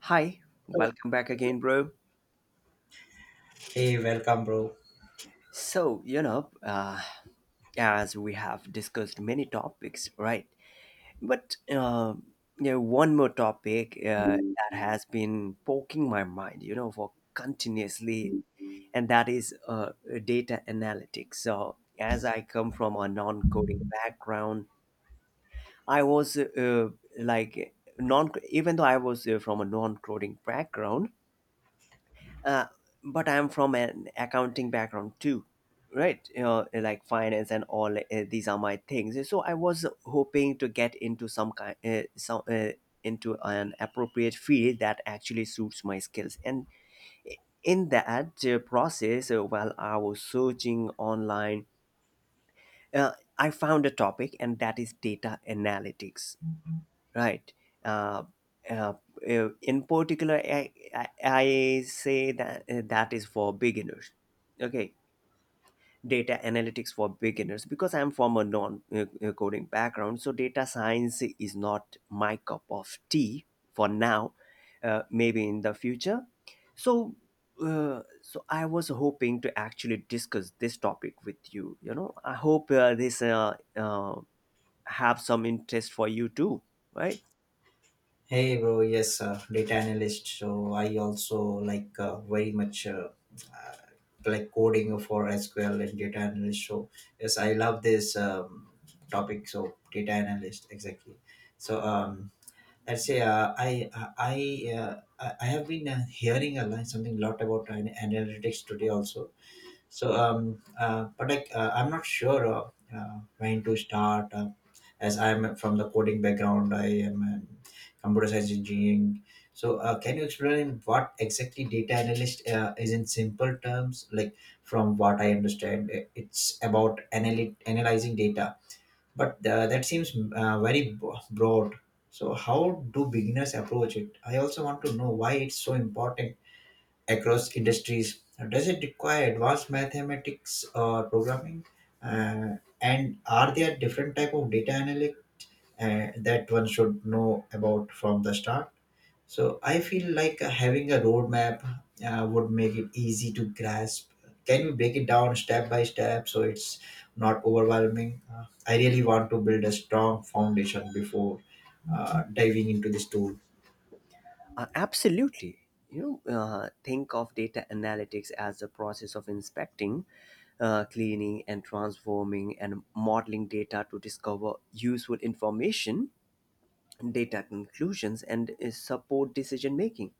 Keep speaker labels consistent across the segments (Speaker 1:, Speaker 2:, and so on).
Speaker 1: Hi, welcome back again, bro.
Speaker 2: Hey, welcome, bro.
Speaker 1: So, as we have discussed many topics, right? But one more topic that has been poking my mind, for continuously, and that is data analytics. So, as I come from a non coding background, I was like, non even though I was from a non coding background, uh, but I'm from an accounting background too, right? Like finance and all, these are my things, so I was hoping to get into some kind some into an appropriate field that actually suits my skills, and in that process, while I was searching online, uh, I found a topic, and that is data analytics. Right. Uh, uh, in particular, I say that that is for beginners. Okay. Data analytics for beginners because I'm from a non coding background. So, data science is not my cup of tea for now, maybe in the future. So, So I was hoping to actually discuss this topic with you. You know, I hope this have some interest for you too, right?
Speaker 2: Hey, bro. Yes, data analyst. So I also like very much uh, like coding for SQL and data analyst. So yes, I love this topic. So data analyst, exactly. So let's say I uh, I have been hearing a lot something lot about analytics today also. So, but like, I'm not sure when to start. As I'm from the coding background, I am in computer science engineering. So, can you explain what exactly data analyst is in simple terms? Like, from what I understand, it's about analyzing data, but that seems very broad. So, how do beginners approach it? I also want to know why it's so important across industries. Does it require advanced mathematics or programming? And are there different type of data analytics that one should know about from the start? So I feel like having a roadmap would make it easy to grasp. Can you break it down step by step so it's not overwhelming? I really want to build a strong foundation before diving into this tool.
Speaker 1: Absolutely. You know, think of data analytics as the process of inspecting, cleaning, and transforming and modeling data to discover useful information, data conclusions, and support decision making.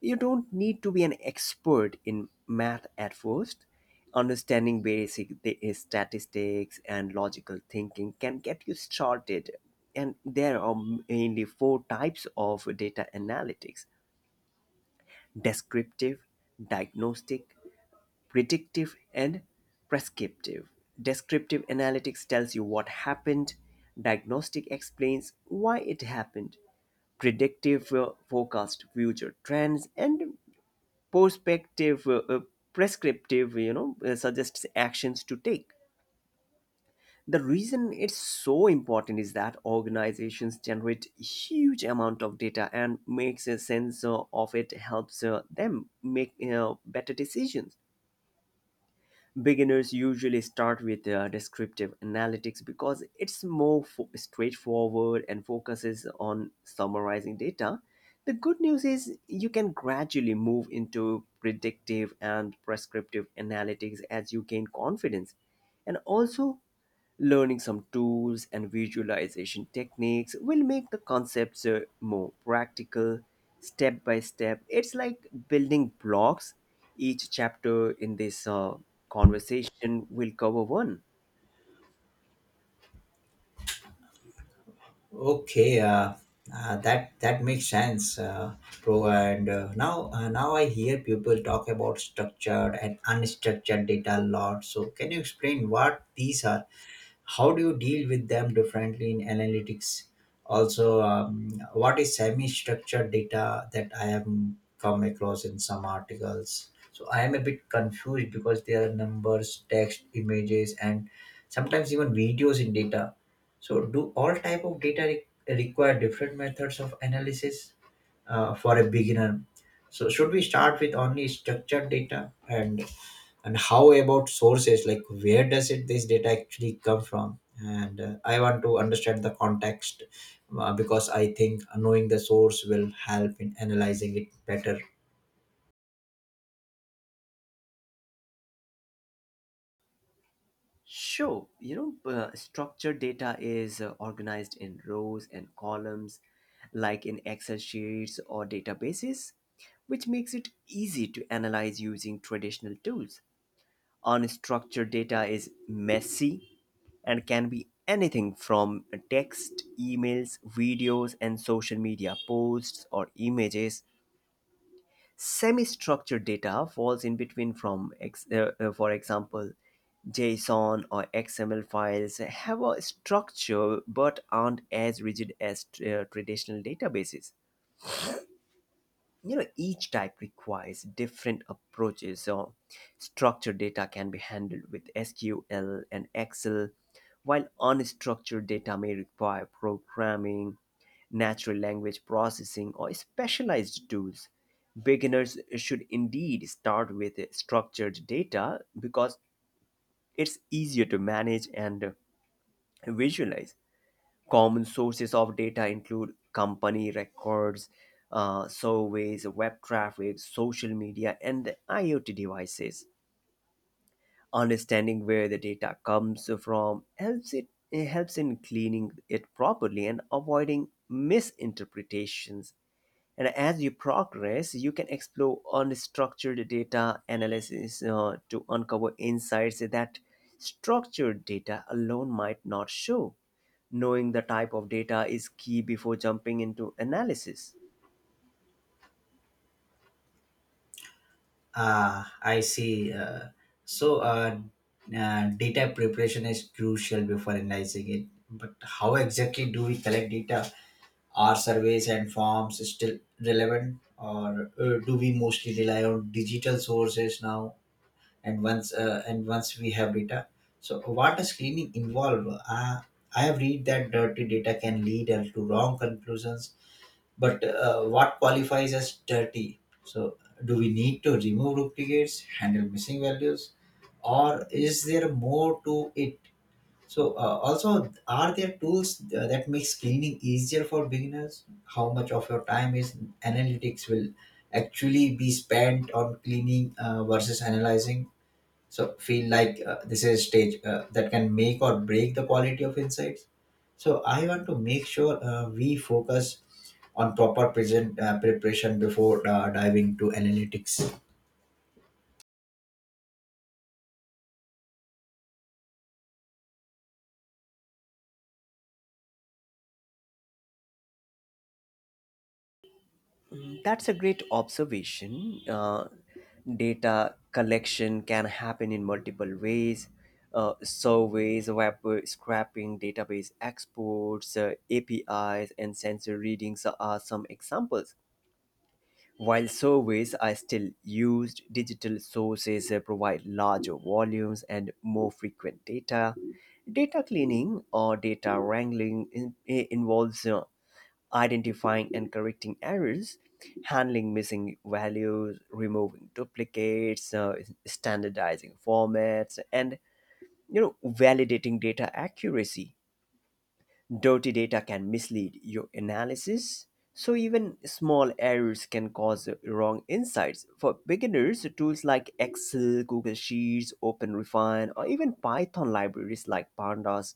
Speaker 1: You don't need to be an expert in math at first. Understanding basic statistics and logical thinking can get you started. And there are mainly 4 types of data analytics: descriptive, diagnostic, predictive, and prescriptive. Descriptive analytics tells you what happened, diagnostic explains why it happened, predictive forecast future trends, and perspective prescriptive, suggests actions to take. The reason it's so important is that organizations generate huge amount of data, and makes a sense of it helps them make better decisions. Beginners usually start with descriptive analytics because it's more straightforward and focuses on summarizing data. The good news is you can gradually move into predictive and prescriptive analytics as you gain confidence. And also, learning some tools and visualization techniques will make the concepts more practical, step by step. It's like building blocks. Each chapter in this conversation will cover one.
Speaker 2: Okay, that makes sense, bro. And now I hear people talk about structured and unstructured data a lot. So, can you explain what these are? How do you deal with them differently in analytics? Also, what is semi structured data that I have come across in some articles? So I am a bit confused because there are numbers, text, images, and sometimes even videos in data. So do all type of require different methods of analysis for a beginner? So should we start with only structured data? And how about sources, like where does it this data actually come from? And I want to understand the context because I think knowing the source will help in analyzing it better.
Speaker 1: Sure, you know, structured data is organized in rows and columns, like in Excel sheets or databases, which makes it easy to analyze using traditional tools. Unstructured data is messy and can be anything from text, emails, videos, and social media posts or images. Semi structured data falls in between. For example, JSON or XML files have a structure but aren't as rigid as traditional databases. You know, each type requires different approaches. So, structured data can be handled with sql and excel, while unstructured data may require programming, natural language processing, or specialized tools. Beginners should indeed start with structured data because it's easier to manage and visualize. Common sources of data include company records, surveys, web traffic, social media, and IoT devices. Understanding where the data comes from helps it, it helps in cleaning it properly and avoiding misinterpretations. And as you progress, you can explore unstructured data analysis to uncover insights that structured data alone might not show. Knowing the type of data is key before jumping into analysis.
Speaker 2: Ah, I see. So, uh, Data preparation is crucial before analyzing it. But how exactly do we collect data? Are surveys and forms still relevant, or do we mostly rely on digital sources now? And once we have data, so what does cleaning involve? uh, I have read that dirty data can lead to wrong conclusions, but what qualifies as dirty? So do we need to remove duplicates, handle missing values, or is there more to it? So also, are there tools that makes cleaning easier for beginners? How much of your time is analytics will actually be spent on cleaning versus analyzing? So feel like this is a stage that can make or break the quality of insights. So I want to make sure we focus on proper present preparation before diving to analytics.
Speaker 1: That's a great observation. Data collection can happen in multiple ways. Surveys, web scraping, database exports, APIs, and sensor readings are some examples. While surveys are still used, digital sources provide larger volumes and more frequent data. Data cleaning or data wrangling involves identifying and correcting errors, handling missing values, removing duplicates, standardizing formats, and, you know, validating data accuracy. Dirty data can mislead your analysis, so even small errors can cause wrong insights. For beginners, tools like Excel, Google Sheets, OpenRefine, or even Python libraries like Pandas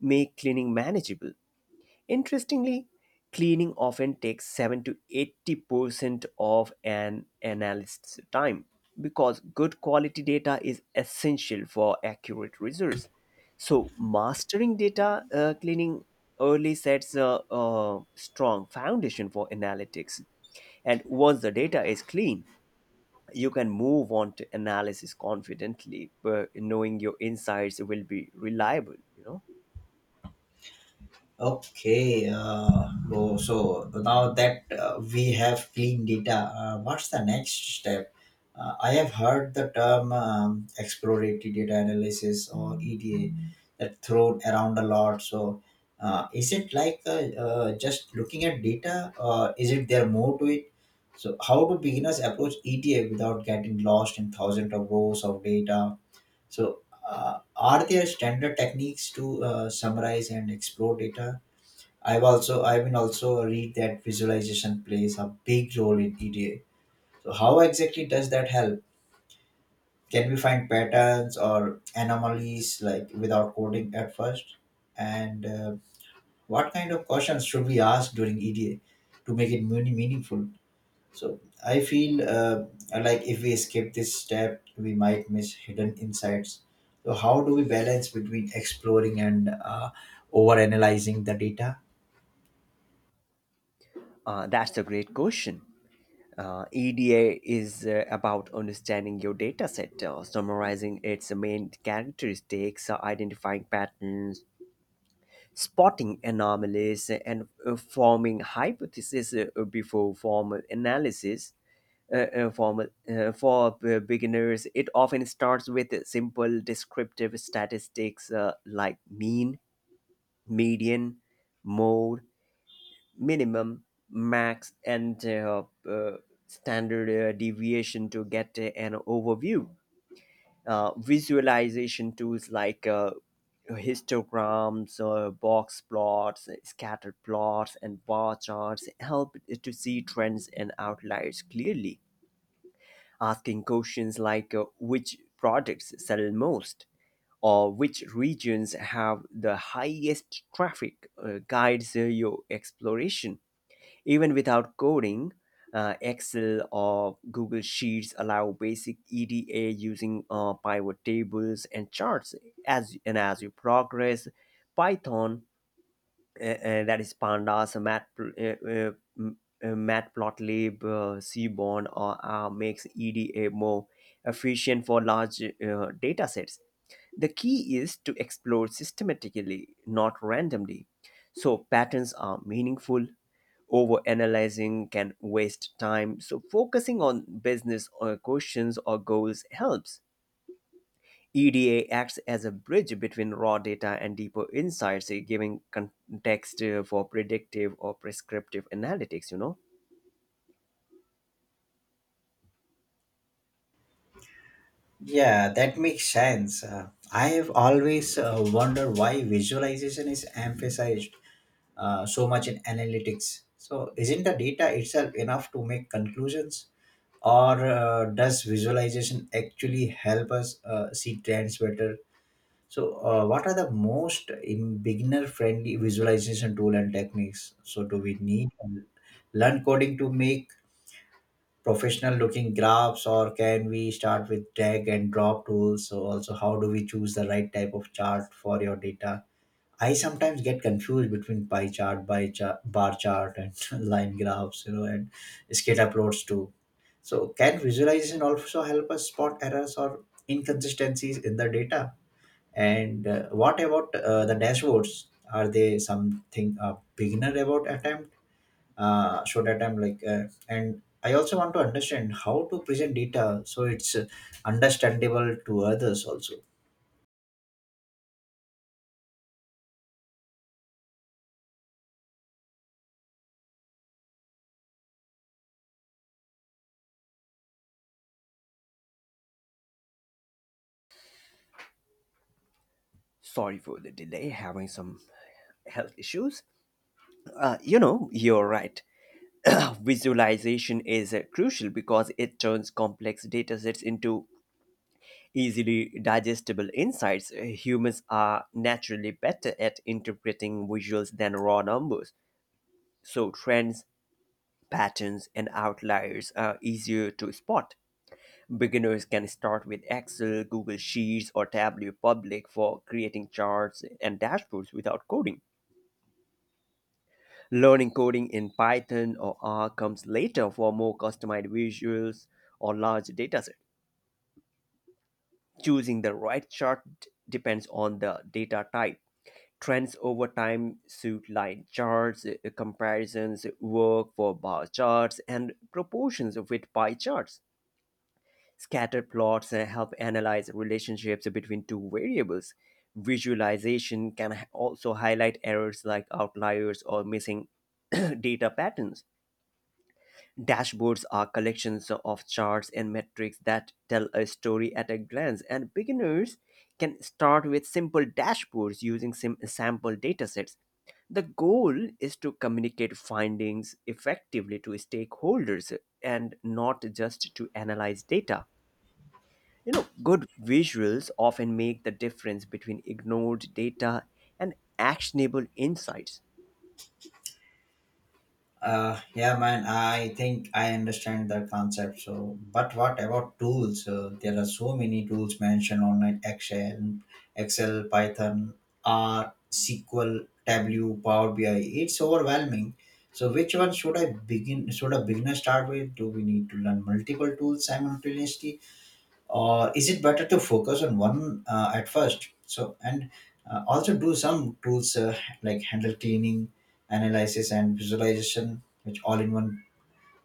Speaker 1: make cleaning manageable. Interestingly, cleaning often takes 7 to 80% of an analyst's time because good quality data is essential for accurate results. So, mastering data cleaning early sets a strong foundation for analytics. And once the data is clean, you can move on to analysis confidently, but knowing your insights will be reliable. You know,
Speaker 2: Okay, bro, so now that we have clean data, what's the next step? I have heard the term exploratory data analysis or EDA that thrown around a lot. So, is it like just looking at data, or is it there more to it? So, how do beginners approach EDA without getting lost in thousands of rows of data? So, are there standard techniques to summarize and explore data? I've also also read that visualization plays a big role in EDA. So how exactly does that help? Can we find patterns or anomalies like without coding at first? And what kind of questions should we ask during EDA to make it meaningful? So I feel like if we skip this step, we might miss hidden insights. So how do we balance between exploring and over analyzing the data?
Speaker 1: that's a great question. EDA is about understanding your data set, summarizing its main characteristics, identifying patterns, spotting anomalies, and forming hypotheses before formal analysis. For beginners, it often starts with simple descriptive statistics like mean, median, mode, minimum, max, and standard deviation to get an overview. Visualization tools like histograms, box plots, scatter plots, and bar charts help to see trends and outliers clearly. Asking questions like which products sell most or which regions have the highest traffic guides your exploration. Even without coding, Excel or Google Sheets allow basic EDA using pivot tables and charts. As you progress, Python, that is Pandas, m- Matplotlib, Seaborn, or makes EDA more efficient for large data sets. The key is to explore systematically, not randomly, so patterns are meaningful. Overanalyzing can waste time, so focusing on business or questions or goals helps. EDA acts as a bridge between raw data and deeper insights, giving context for predictive or prescriptive analytics, you know.
Speaker 2: Yeah, that makes sense. I have always wondered why visualization is emphasized so much in analytics. So, isn't the data itself enough to make conclusions, or does visualization actually help us see trends better? So, what are the most in beginner-friendly visualization tool and techniques? So, do we need to learn coding to make professional looking graphs, or can we start with drag and drop tools? So also, how do we choose the right type of chart for your data? I sometimes get confused between pie chart, by chart, bar chart, and line graphs, you know, and scatter plots too. So can visualization also help us spot errors or inconsistencies in the data? And what about the dashboards? Are they something a beginner about attempt? So that I'm like, and I also want to understand how to present data so it's understandable to others also.
Speaker 1: Sorry for the delay, having some health issues. You know, you're right. Visualization is crucial because it turns complex datasets into easily digestible insights. Humans are naturally better at interpreting visuals than raw numbers. So, trends, patterns, and outliers are easier to spot. Beginners can start with Excel, Google Sheets, or Tableau Public for creating charts and dashboards without coding. Learning coding in Python or R comes later for more customized visuals or large datasets. Choosing the right depends on the data type. Trends over time suit line charts, comparisons work for bar charts, and proportions with pie charts. Scatter plots help analyze relationships between two variables. Visualization can also highlight errors like outliers or missing data patterns. Dashboards are collections of charts and metrics that tell a story at a glance, and beginners can start with simple dashboards using sample datasets. The goal is to communicate findings effectively to stakeholders and not just to analyze data. You know, good visuals often make the difference between ignored data and actionable insights.
Speaker 2: Yeah, man, I think I understand that concept. So but what about tools? There are so many tools mentioned online: Excel, Python, R, SQL, Tableau, Power BI. It's overwhelming. So which one should I begin should a beginner start with? Do we need to learn multiple tools simultaneously? Is it better to focus on one at first? So and uh, also, do some tools like handle cleaning, analysis, and visualization, which all in one?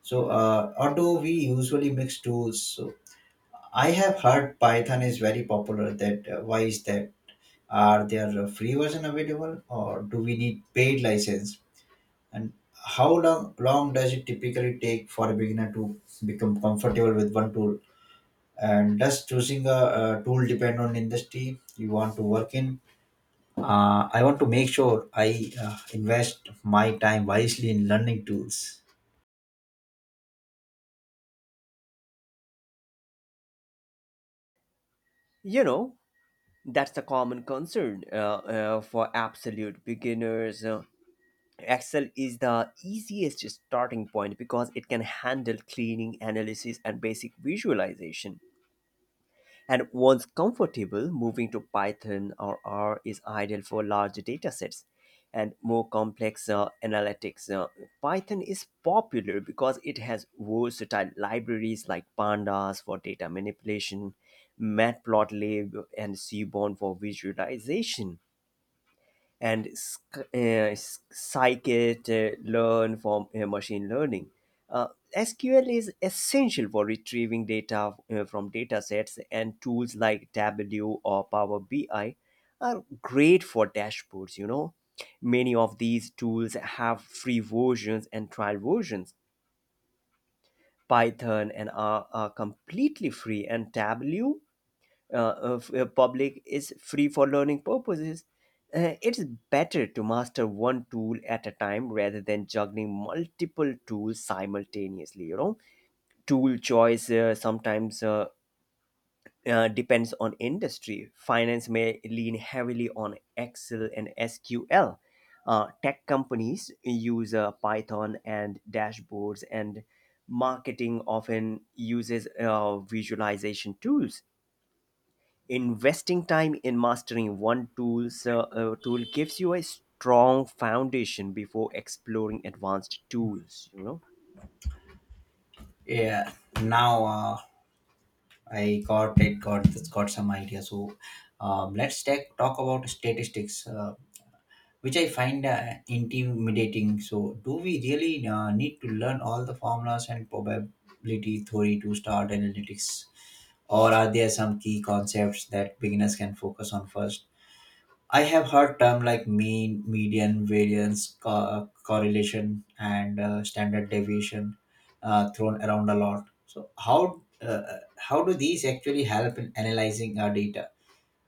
Speaker 2: So or do we usually mix tools? So I have heard Python is very popular. That Why is that? Are there a free version available, or do we need paid license? And how long does it typically take for a beginner to become comfortable with one tool? And does choosing a tool depend on industry you want to work in? I want to make sure I invest my time wisely in learning tools.
Speaker 1: You know, that's a common concern for absolute beginners. Excel is the easiest starting point because it can handle cleaning, analysis, and basic visualization. And once comfortable, moving to Python or R is ideal for large data sets and more complex analytics. Python is popular because it has versatile libraries like Pandas for data manipulation, Matplotlib, and Seaborn for visualization, and scikit learn from machine learning. Uh, SQL is essential for retrieving data from datasets, and tools like Tableau or Power BI are great for dashboards. You know, many of these tools have free versions and trial versions. Python and R are completely free, and Tableau, public, is free for learning purposes. It's better to master one tool at a time rather than juggling multiple tools simultaneously. You know, tool choice sometimes depends on industry. Finance may lean heavily on Excel and SQL. Tech companies use Python and dashboards, and marketing often uses visualization tools. Investing time in mastering one tool, tool gives you a strong foundation before exploring advanced tools, you know.
Speaker 2: Yeah, now I got it got some idea. So talk about statistics which I find intimidating. So do we really need to learn all the formulas and probability theory to start analytics, or are there some key concepts that beginners can focus on first? I have heard term like mean, median, variance, correlation, and standard deviation thrown around a lot. So how do these actually help in analyzing our data?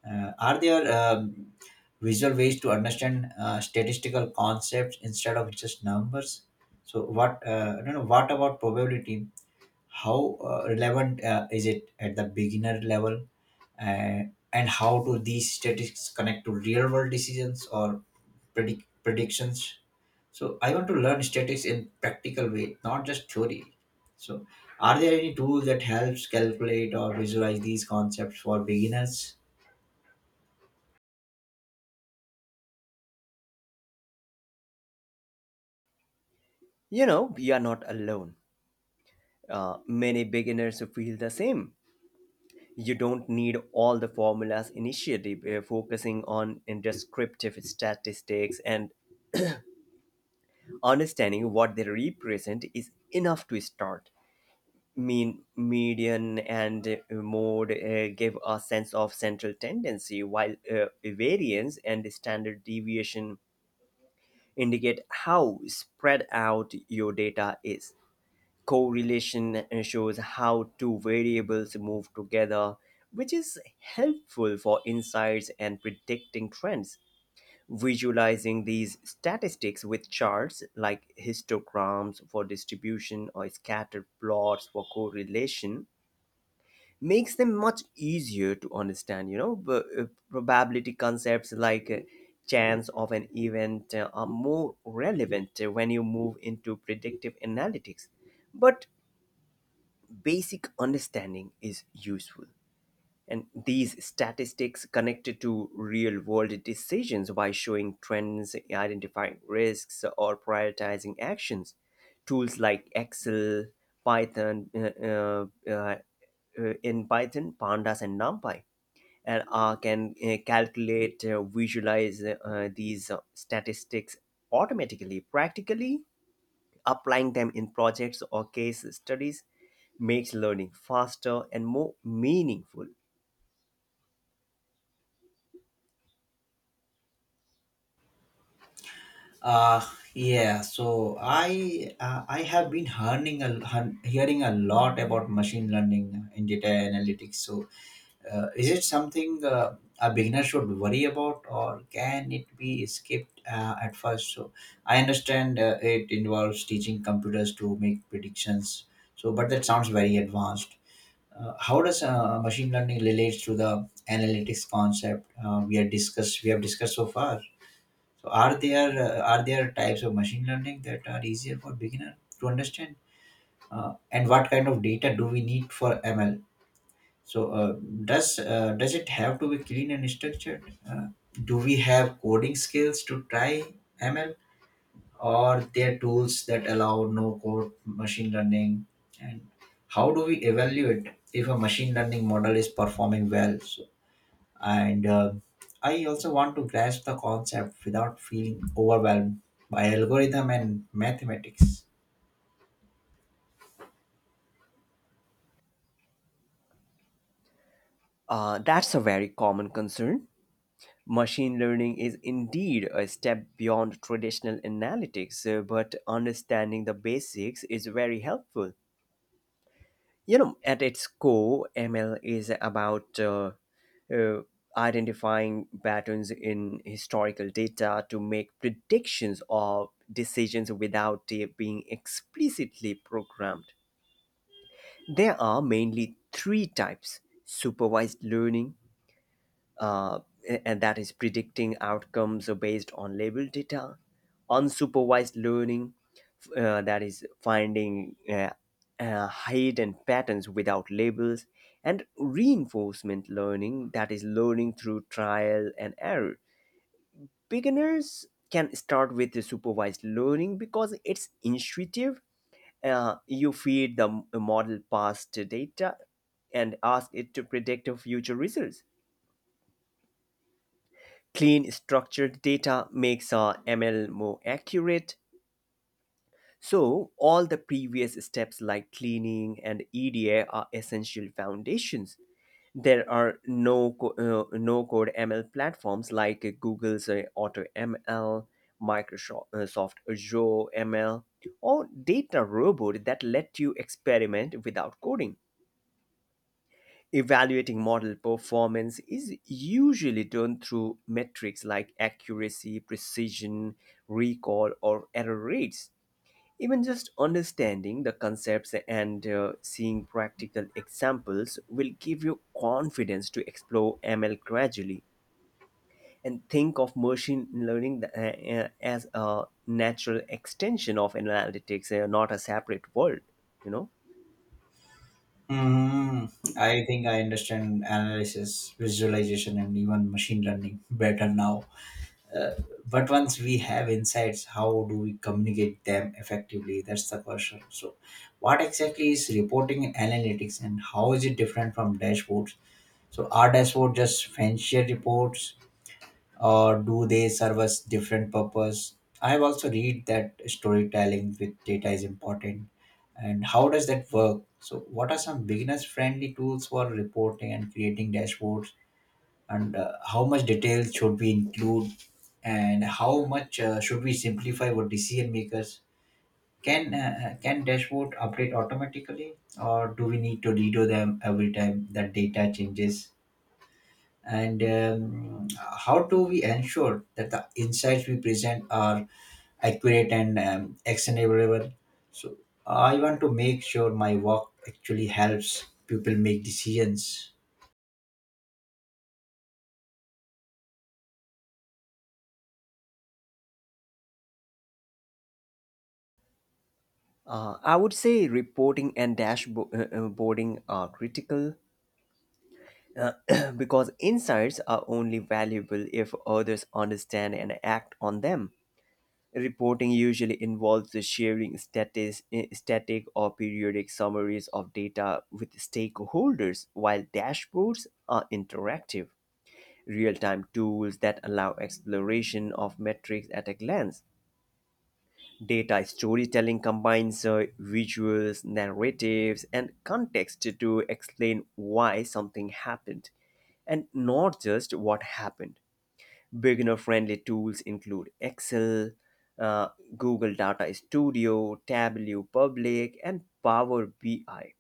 Speaker 2: Are there visual ways to understand statistical concepts instead of just numbers? So what I don't know. What about probability? How relevant is it at the beginner level? uh, and how do these statistics connect to real world decisions or predictions? So I want to learn statistics in practical way, not just theory. So are there any tools that helps calculate or visualize these concepts for beginners?
Speaker 1: You know, you are not alone. Many beginners feel the same. You don't need all the formulas initially. Focusing on descriptive statistics and understanding what they represent is enough to start. Mean, median, and mode give a sense of central tendency, while variance and standard deviation indicate how spread out your data is. Correlation shows how two variables move together, which is helpful for insights and predicting trends. Visualizing these statistics with charts like histograms for distribution or scatter plots for correlation makes them much easier to understand, you know. But, probability concepts like chance of an event are more relevant when you move into predictive analytics, but basic understanding is useful. And these statistics connected to real world decisions by showing trends, identifying risks, or prioritizing actions. Tools like Excel, Python, in Python, Pandas, and NumPy, and R can calculate, visualize these statistics automatically. Practically, applying them in projects or case studies makes learning faster and more meaningful.
Speaker 2: uh yeah, so I have been hearing a lot about machine learning in data analytics. So uh, is it something a beginner should worry about, or can it be skipped at first? So I understand it involves teaching computers to make predictions. So, but that sounds very advanced. How does machine learning relates to the analytics concept we have discussed so far? So, are there are there types of machine learning that are easier for beginner to understand? And what kind of data do we need for ML? So does it have to be clean and structured? Do we have coding skills to try ML, or there tools that allow no code machine learning? And how do we evaluate if a machine learning model is performing well? So, and I also want to grasp the concept without feeling overwhelmed by algorithm and mathematics.
Speaker 1: That's a very common concern. Machine learning is indeed a step beyond traditional analytics, but understanding the basics is very helpful. You know, at its core, ML is about uh, identifying patterns in historical data to make predictions or decisions without it being explicitly programmed. There are mainly three types supervised learning, uh, and that is predicting outcomes based on label data, unsupervised learning, that is finding hidden patterns without labels, and reinforcement learning, that is learning through trial and error. Beginners can start with the supervised learning because it's intuitive. You feed the model past data and ask it to predict future results. Clean structured data makes ML more accurate. So, all the previous steps like cleaning and EDA are essential foundations. There are no code ML platforms like Google's ML, Microsoft Soft Azure ML, or Data Robot that let you experiment without coding. Evaluating model performance is usually done through metrics like accuracy, precision, recall, or error rates. Even just understanding the concepts and seeing practical examples will give you confidence to explore ML gradually and think of machine learning as a natural extension of analytics, not a separate world, you know?
Speaker 2: Mm, I think I understand analysis, visualization, and even machine learning better now. Uh, but once we have insights, how do we communicate them effectively? That's the question. So, what exactly is reporting and analytics, and how is it different from dashboards? So, are dashboards just fancier reports, or do they serve us different purpose? I have also read that storytelling with data is important. And how does that work? So what are some beginners friendly tools for reporting and creating dashboards? And how much detail should we include, and how much should we simplify what decision makers can dashboard update automatically, or do we need to redo them every time that data changes? And how do we ensure that the insights we present are accurate and actionable? So I want to make sure my work actually helps people make decisions.
Speaker 1: I would say reporting and dashboarding are critical because insights are only valuable if others understand and act on them. Reporting usually involves the sharing static or periodic summaries of data with stakeholders, while dashboards are interactive, real time tools that allow exploration of metrics at a glance. Data storytelling combines visuals, narratives, and context to explain why something happened and not just what happened. Beginner friendly tools include Excel, uh, Google Data Studio, Tableau Public, and Power BI.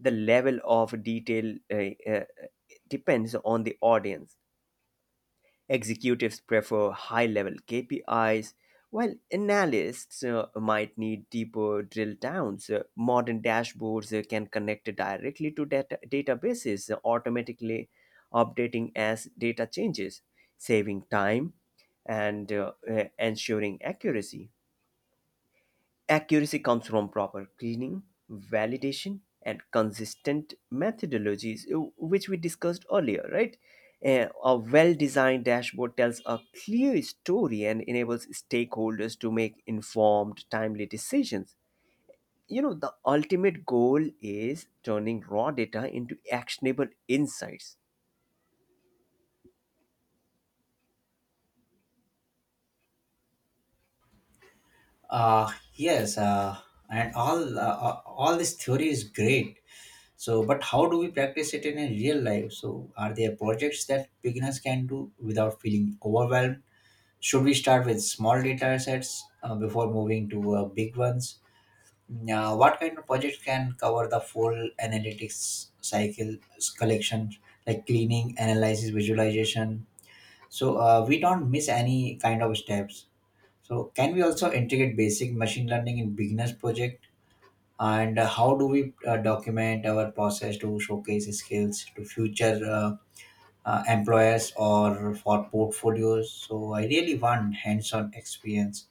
Speaker 1: The level of detail depends on the audience. Executives prefer high level KPIs, while analysts might need deeper drill downs. Modern dashboards can connect directly to databases, automatically updating as data changes, saving time and ensuring accuracy. Accuracy comes from proper cleaning, validation, and consistent methodologies, which we discussed earlier, right? A well designed dashboard tells a clear story and enables stakeholders to make informed, timely decisions. You know, the ultimate goal is turning raw data into actionable insights.
Speaker 2: uh yes, and all this theory is great. So but how do we practice it in a real life? So are there projects that beginners can do without feeling overwhelmed? Should we start with small data sets before moving to big ones? Yeah, what kind of project can cover the full analytics cycle? Collection, like cleaning, analysis, visualization? So we don't miss any kind of steps. So can we also integrate basic machine learning in beginners project? And how do we document our process to showcase skills to future employers or for portfolios? So I really want hands-on experience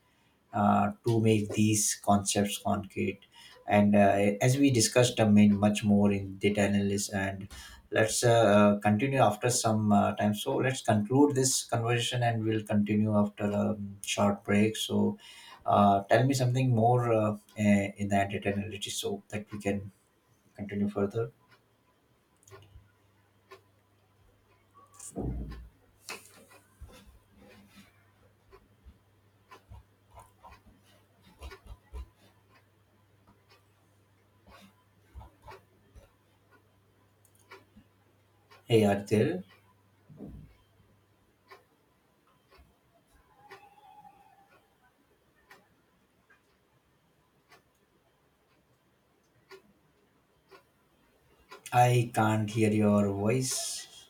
Speaker 2: to make these concepts concrete. And as we discussed, much more in data analysis, and let's continue after some time. So let's conclude this conversation and we'll continue after a short break. So tell me something more in the data analytics so that we can continue further. Hey, Arthur, I can't hear your voice.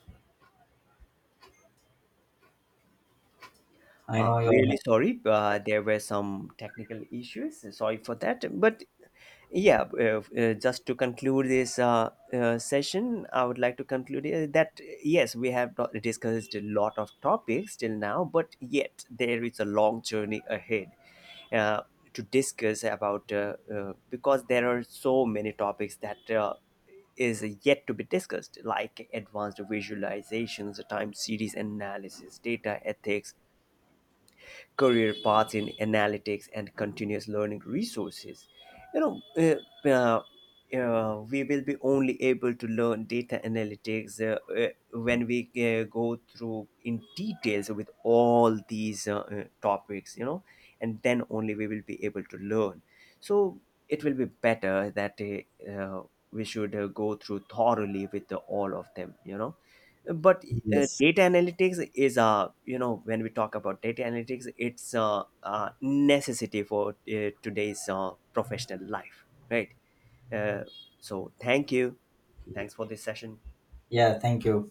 Speaker 2: I know
Speaker 1: Really
Speaker 2: you're
Speaker 1: sorry, there were some technical issues. Sorry for that. But yeah, just to conclude this session, I would like to conclude that yes, we have not discussed a lot of topics till now, but yet there is a long journey ahead uh, to discuss about because there are so many topics that is yet to be discussed, like advanced visualizations, time series analysis, data ethics, career paths in analytics and continuous learning resources. You know, we will be only able to learn data analytics when we go through in details with all these topics, you know, and then only we will be able to learn. So it will be better that we should go through thoroughly with the, all of them, you know. But
Speaker 2: yes.
Speaker 1: data analytics is, uh, you know, when we talk about data analytics, it's a necessity for today's professional life, right? uh, so thank you. Thanks for this session.
Speaker 2: Yeah, thank you.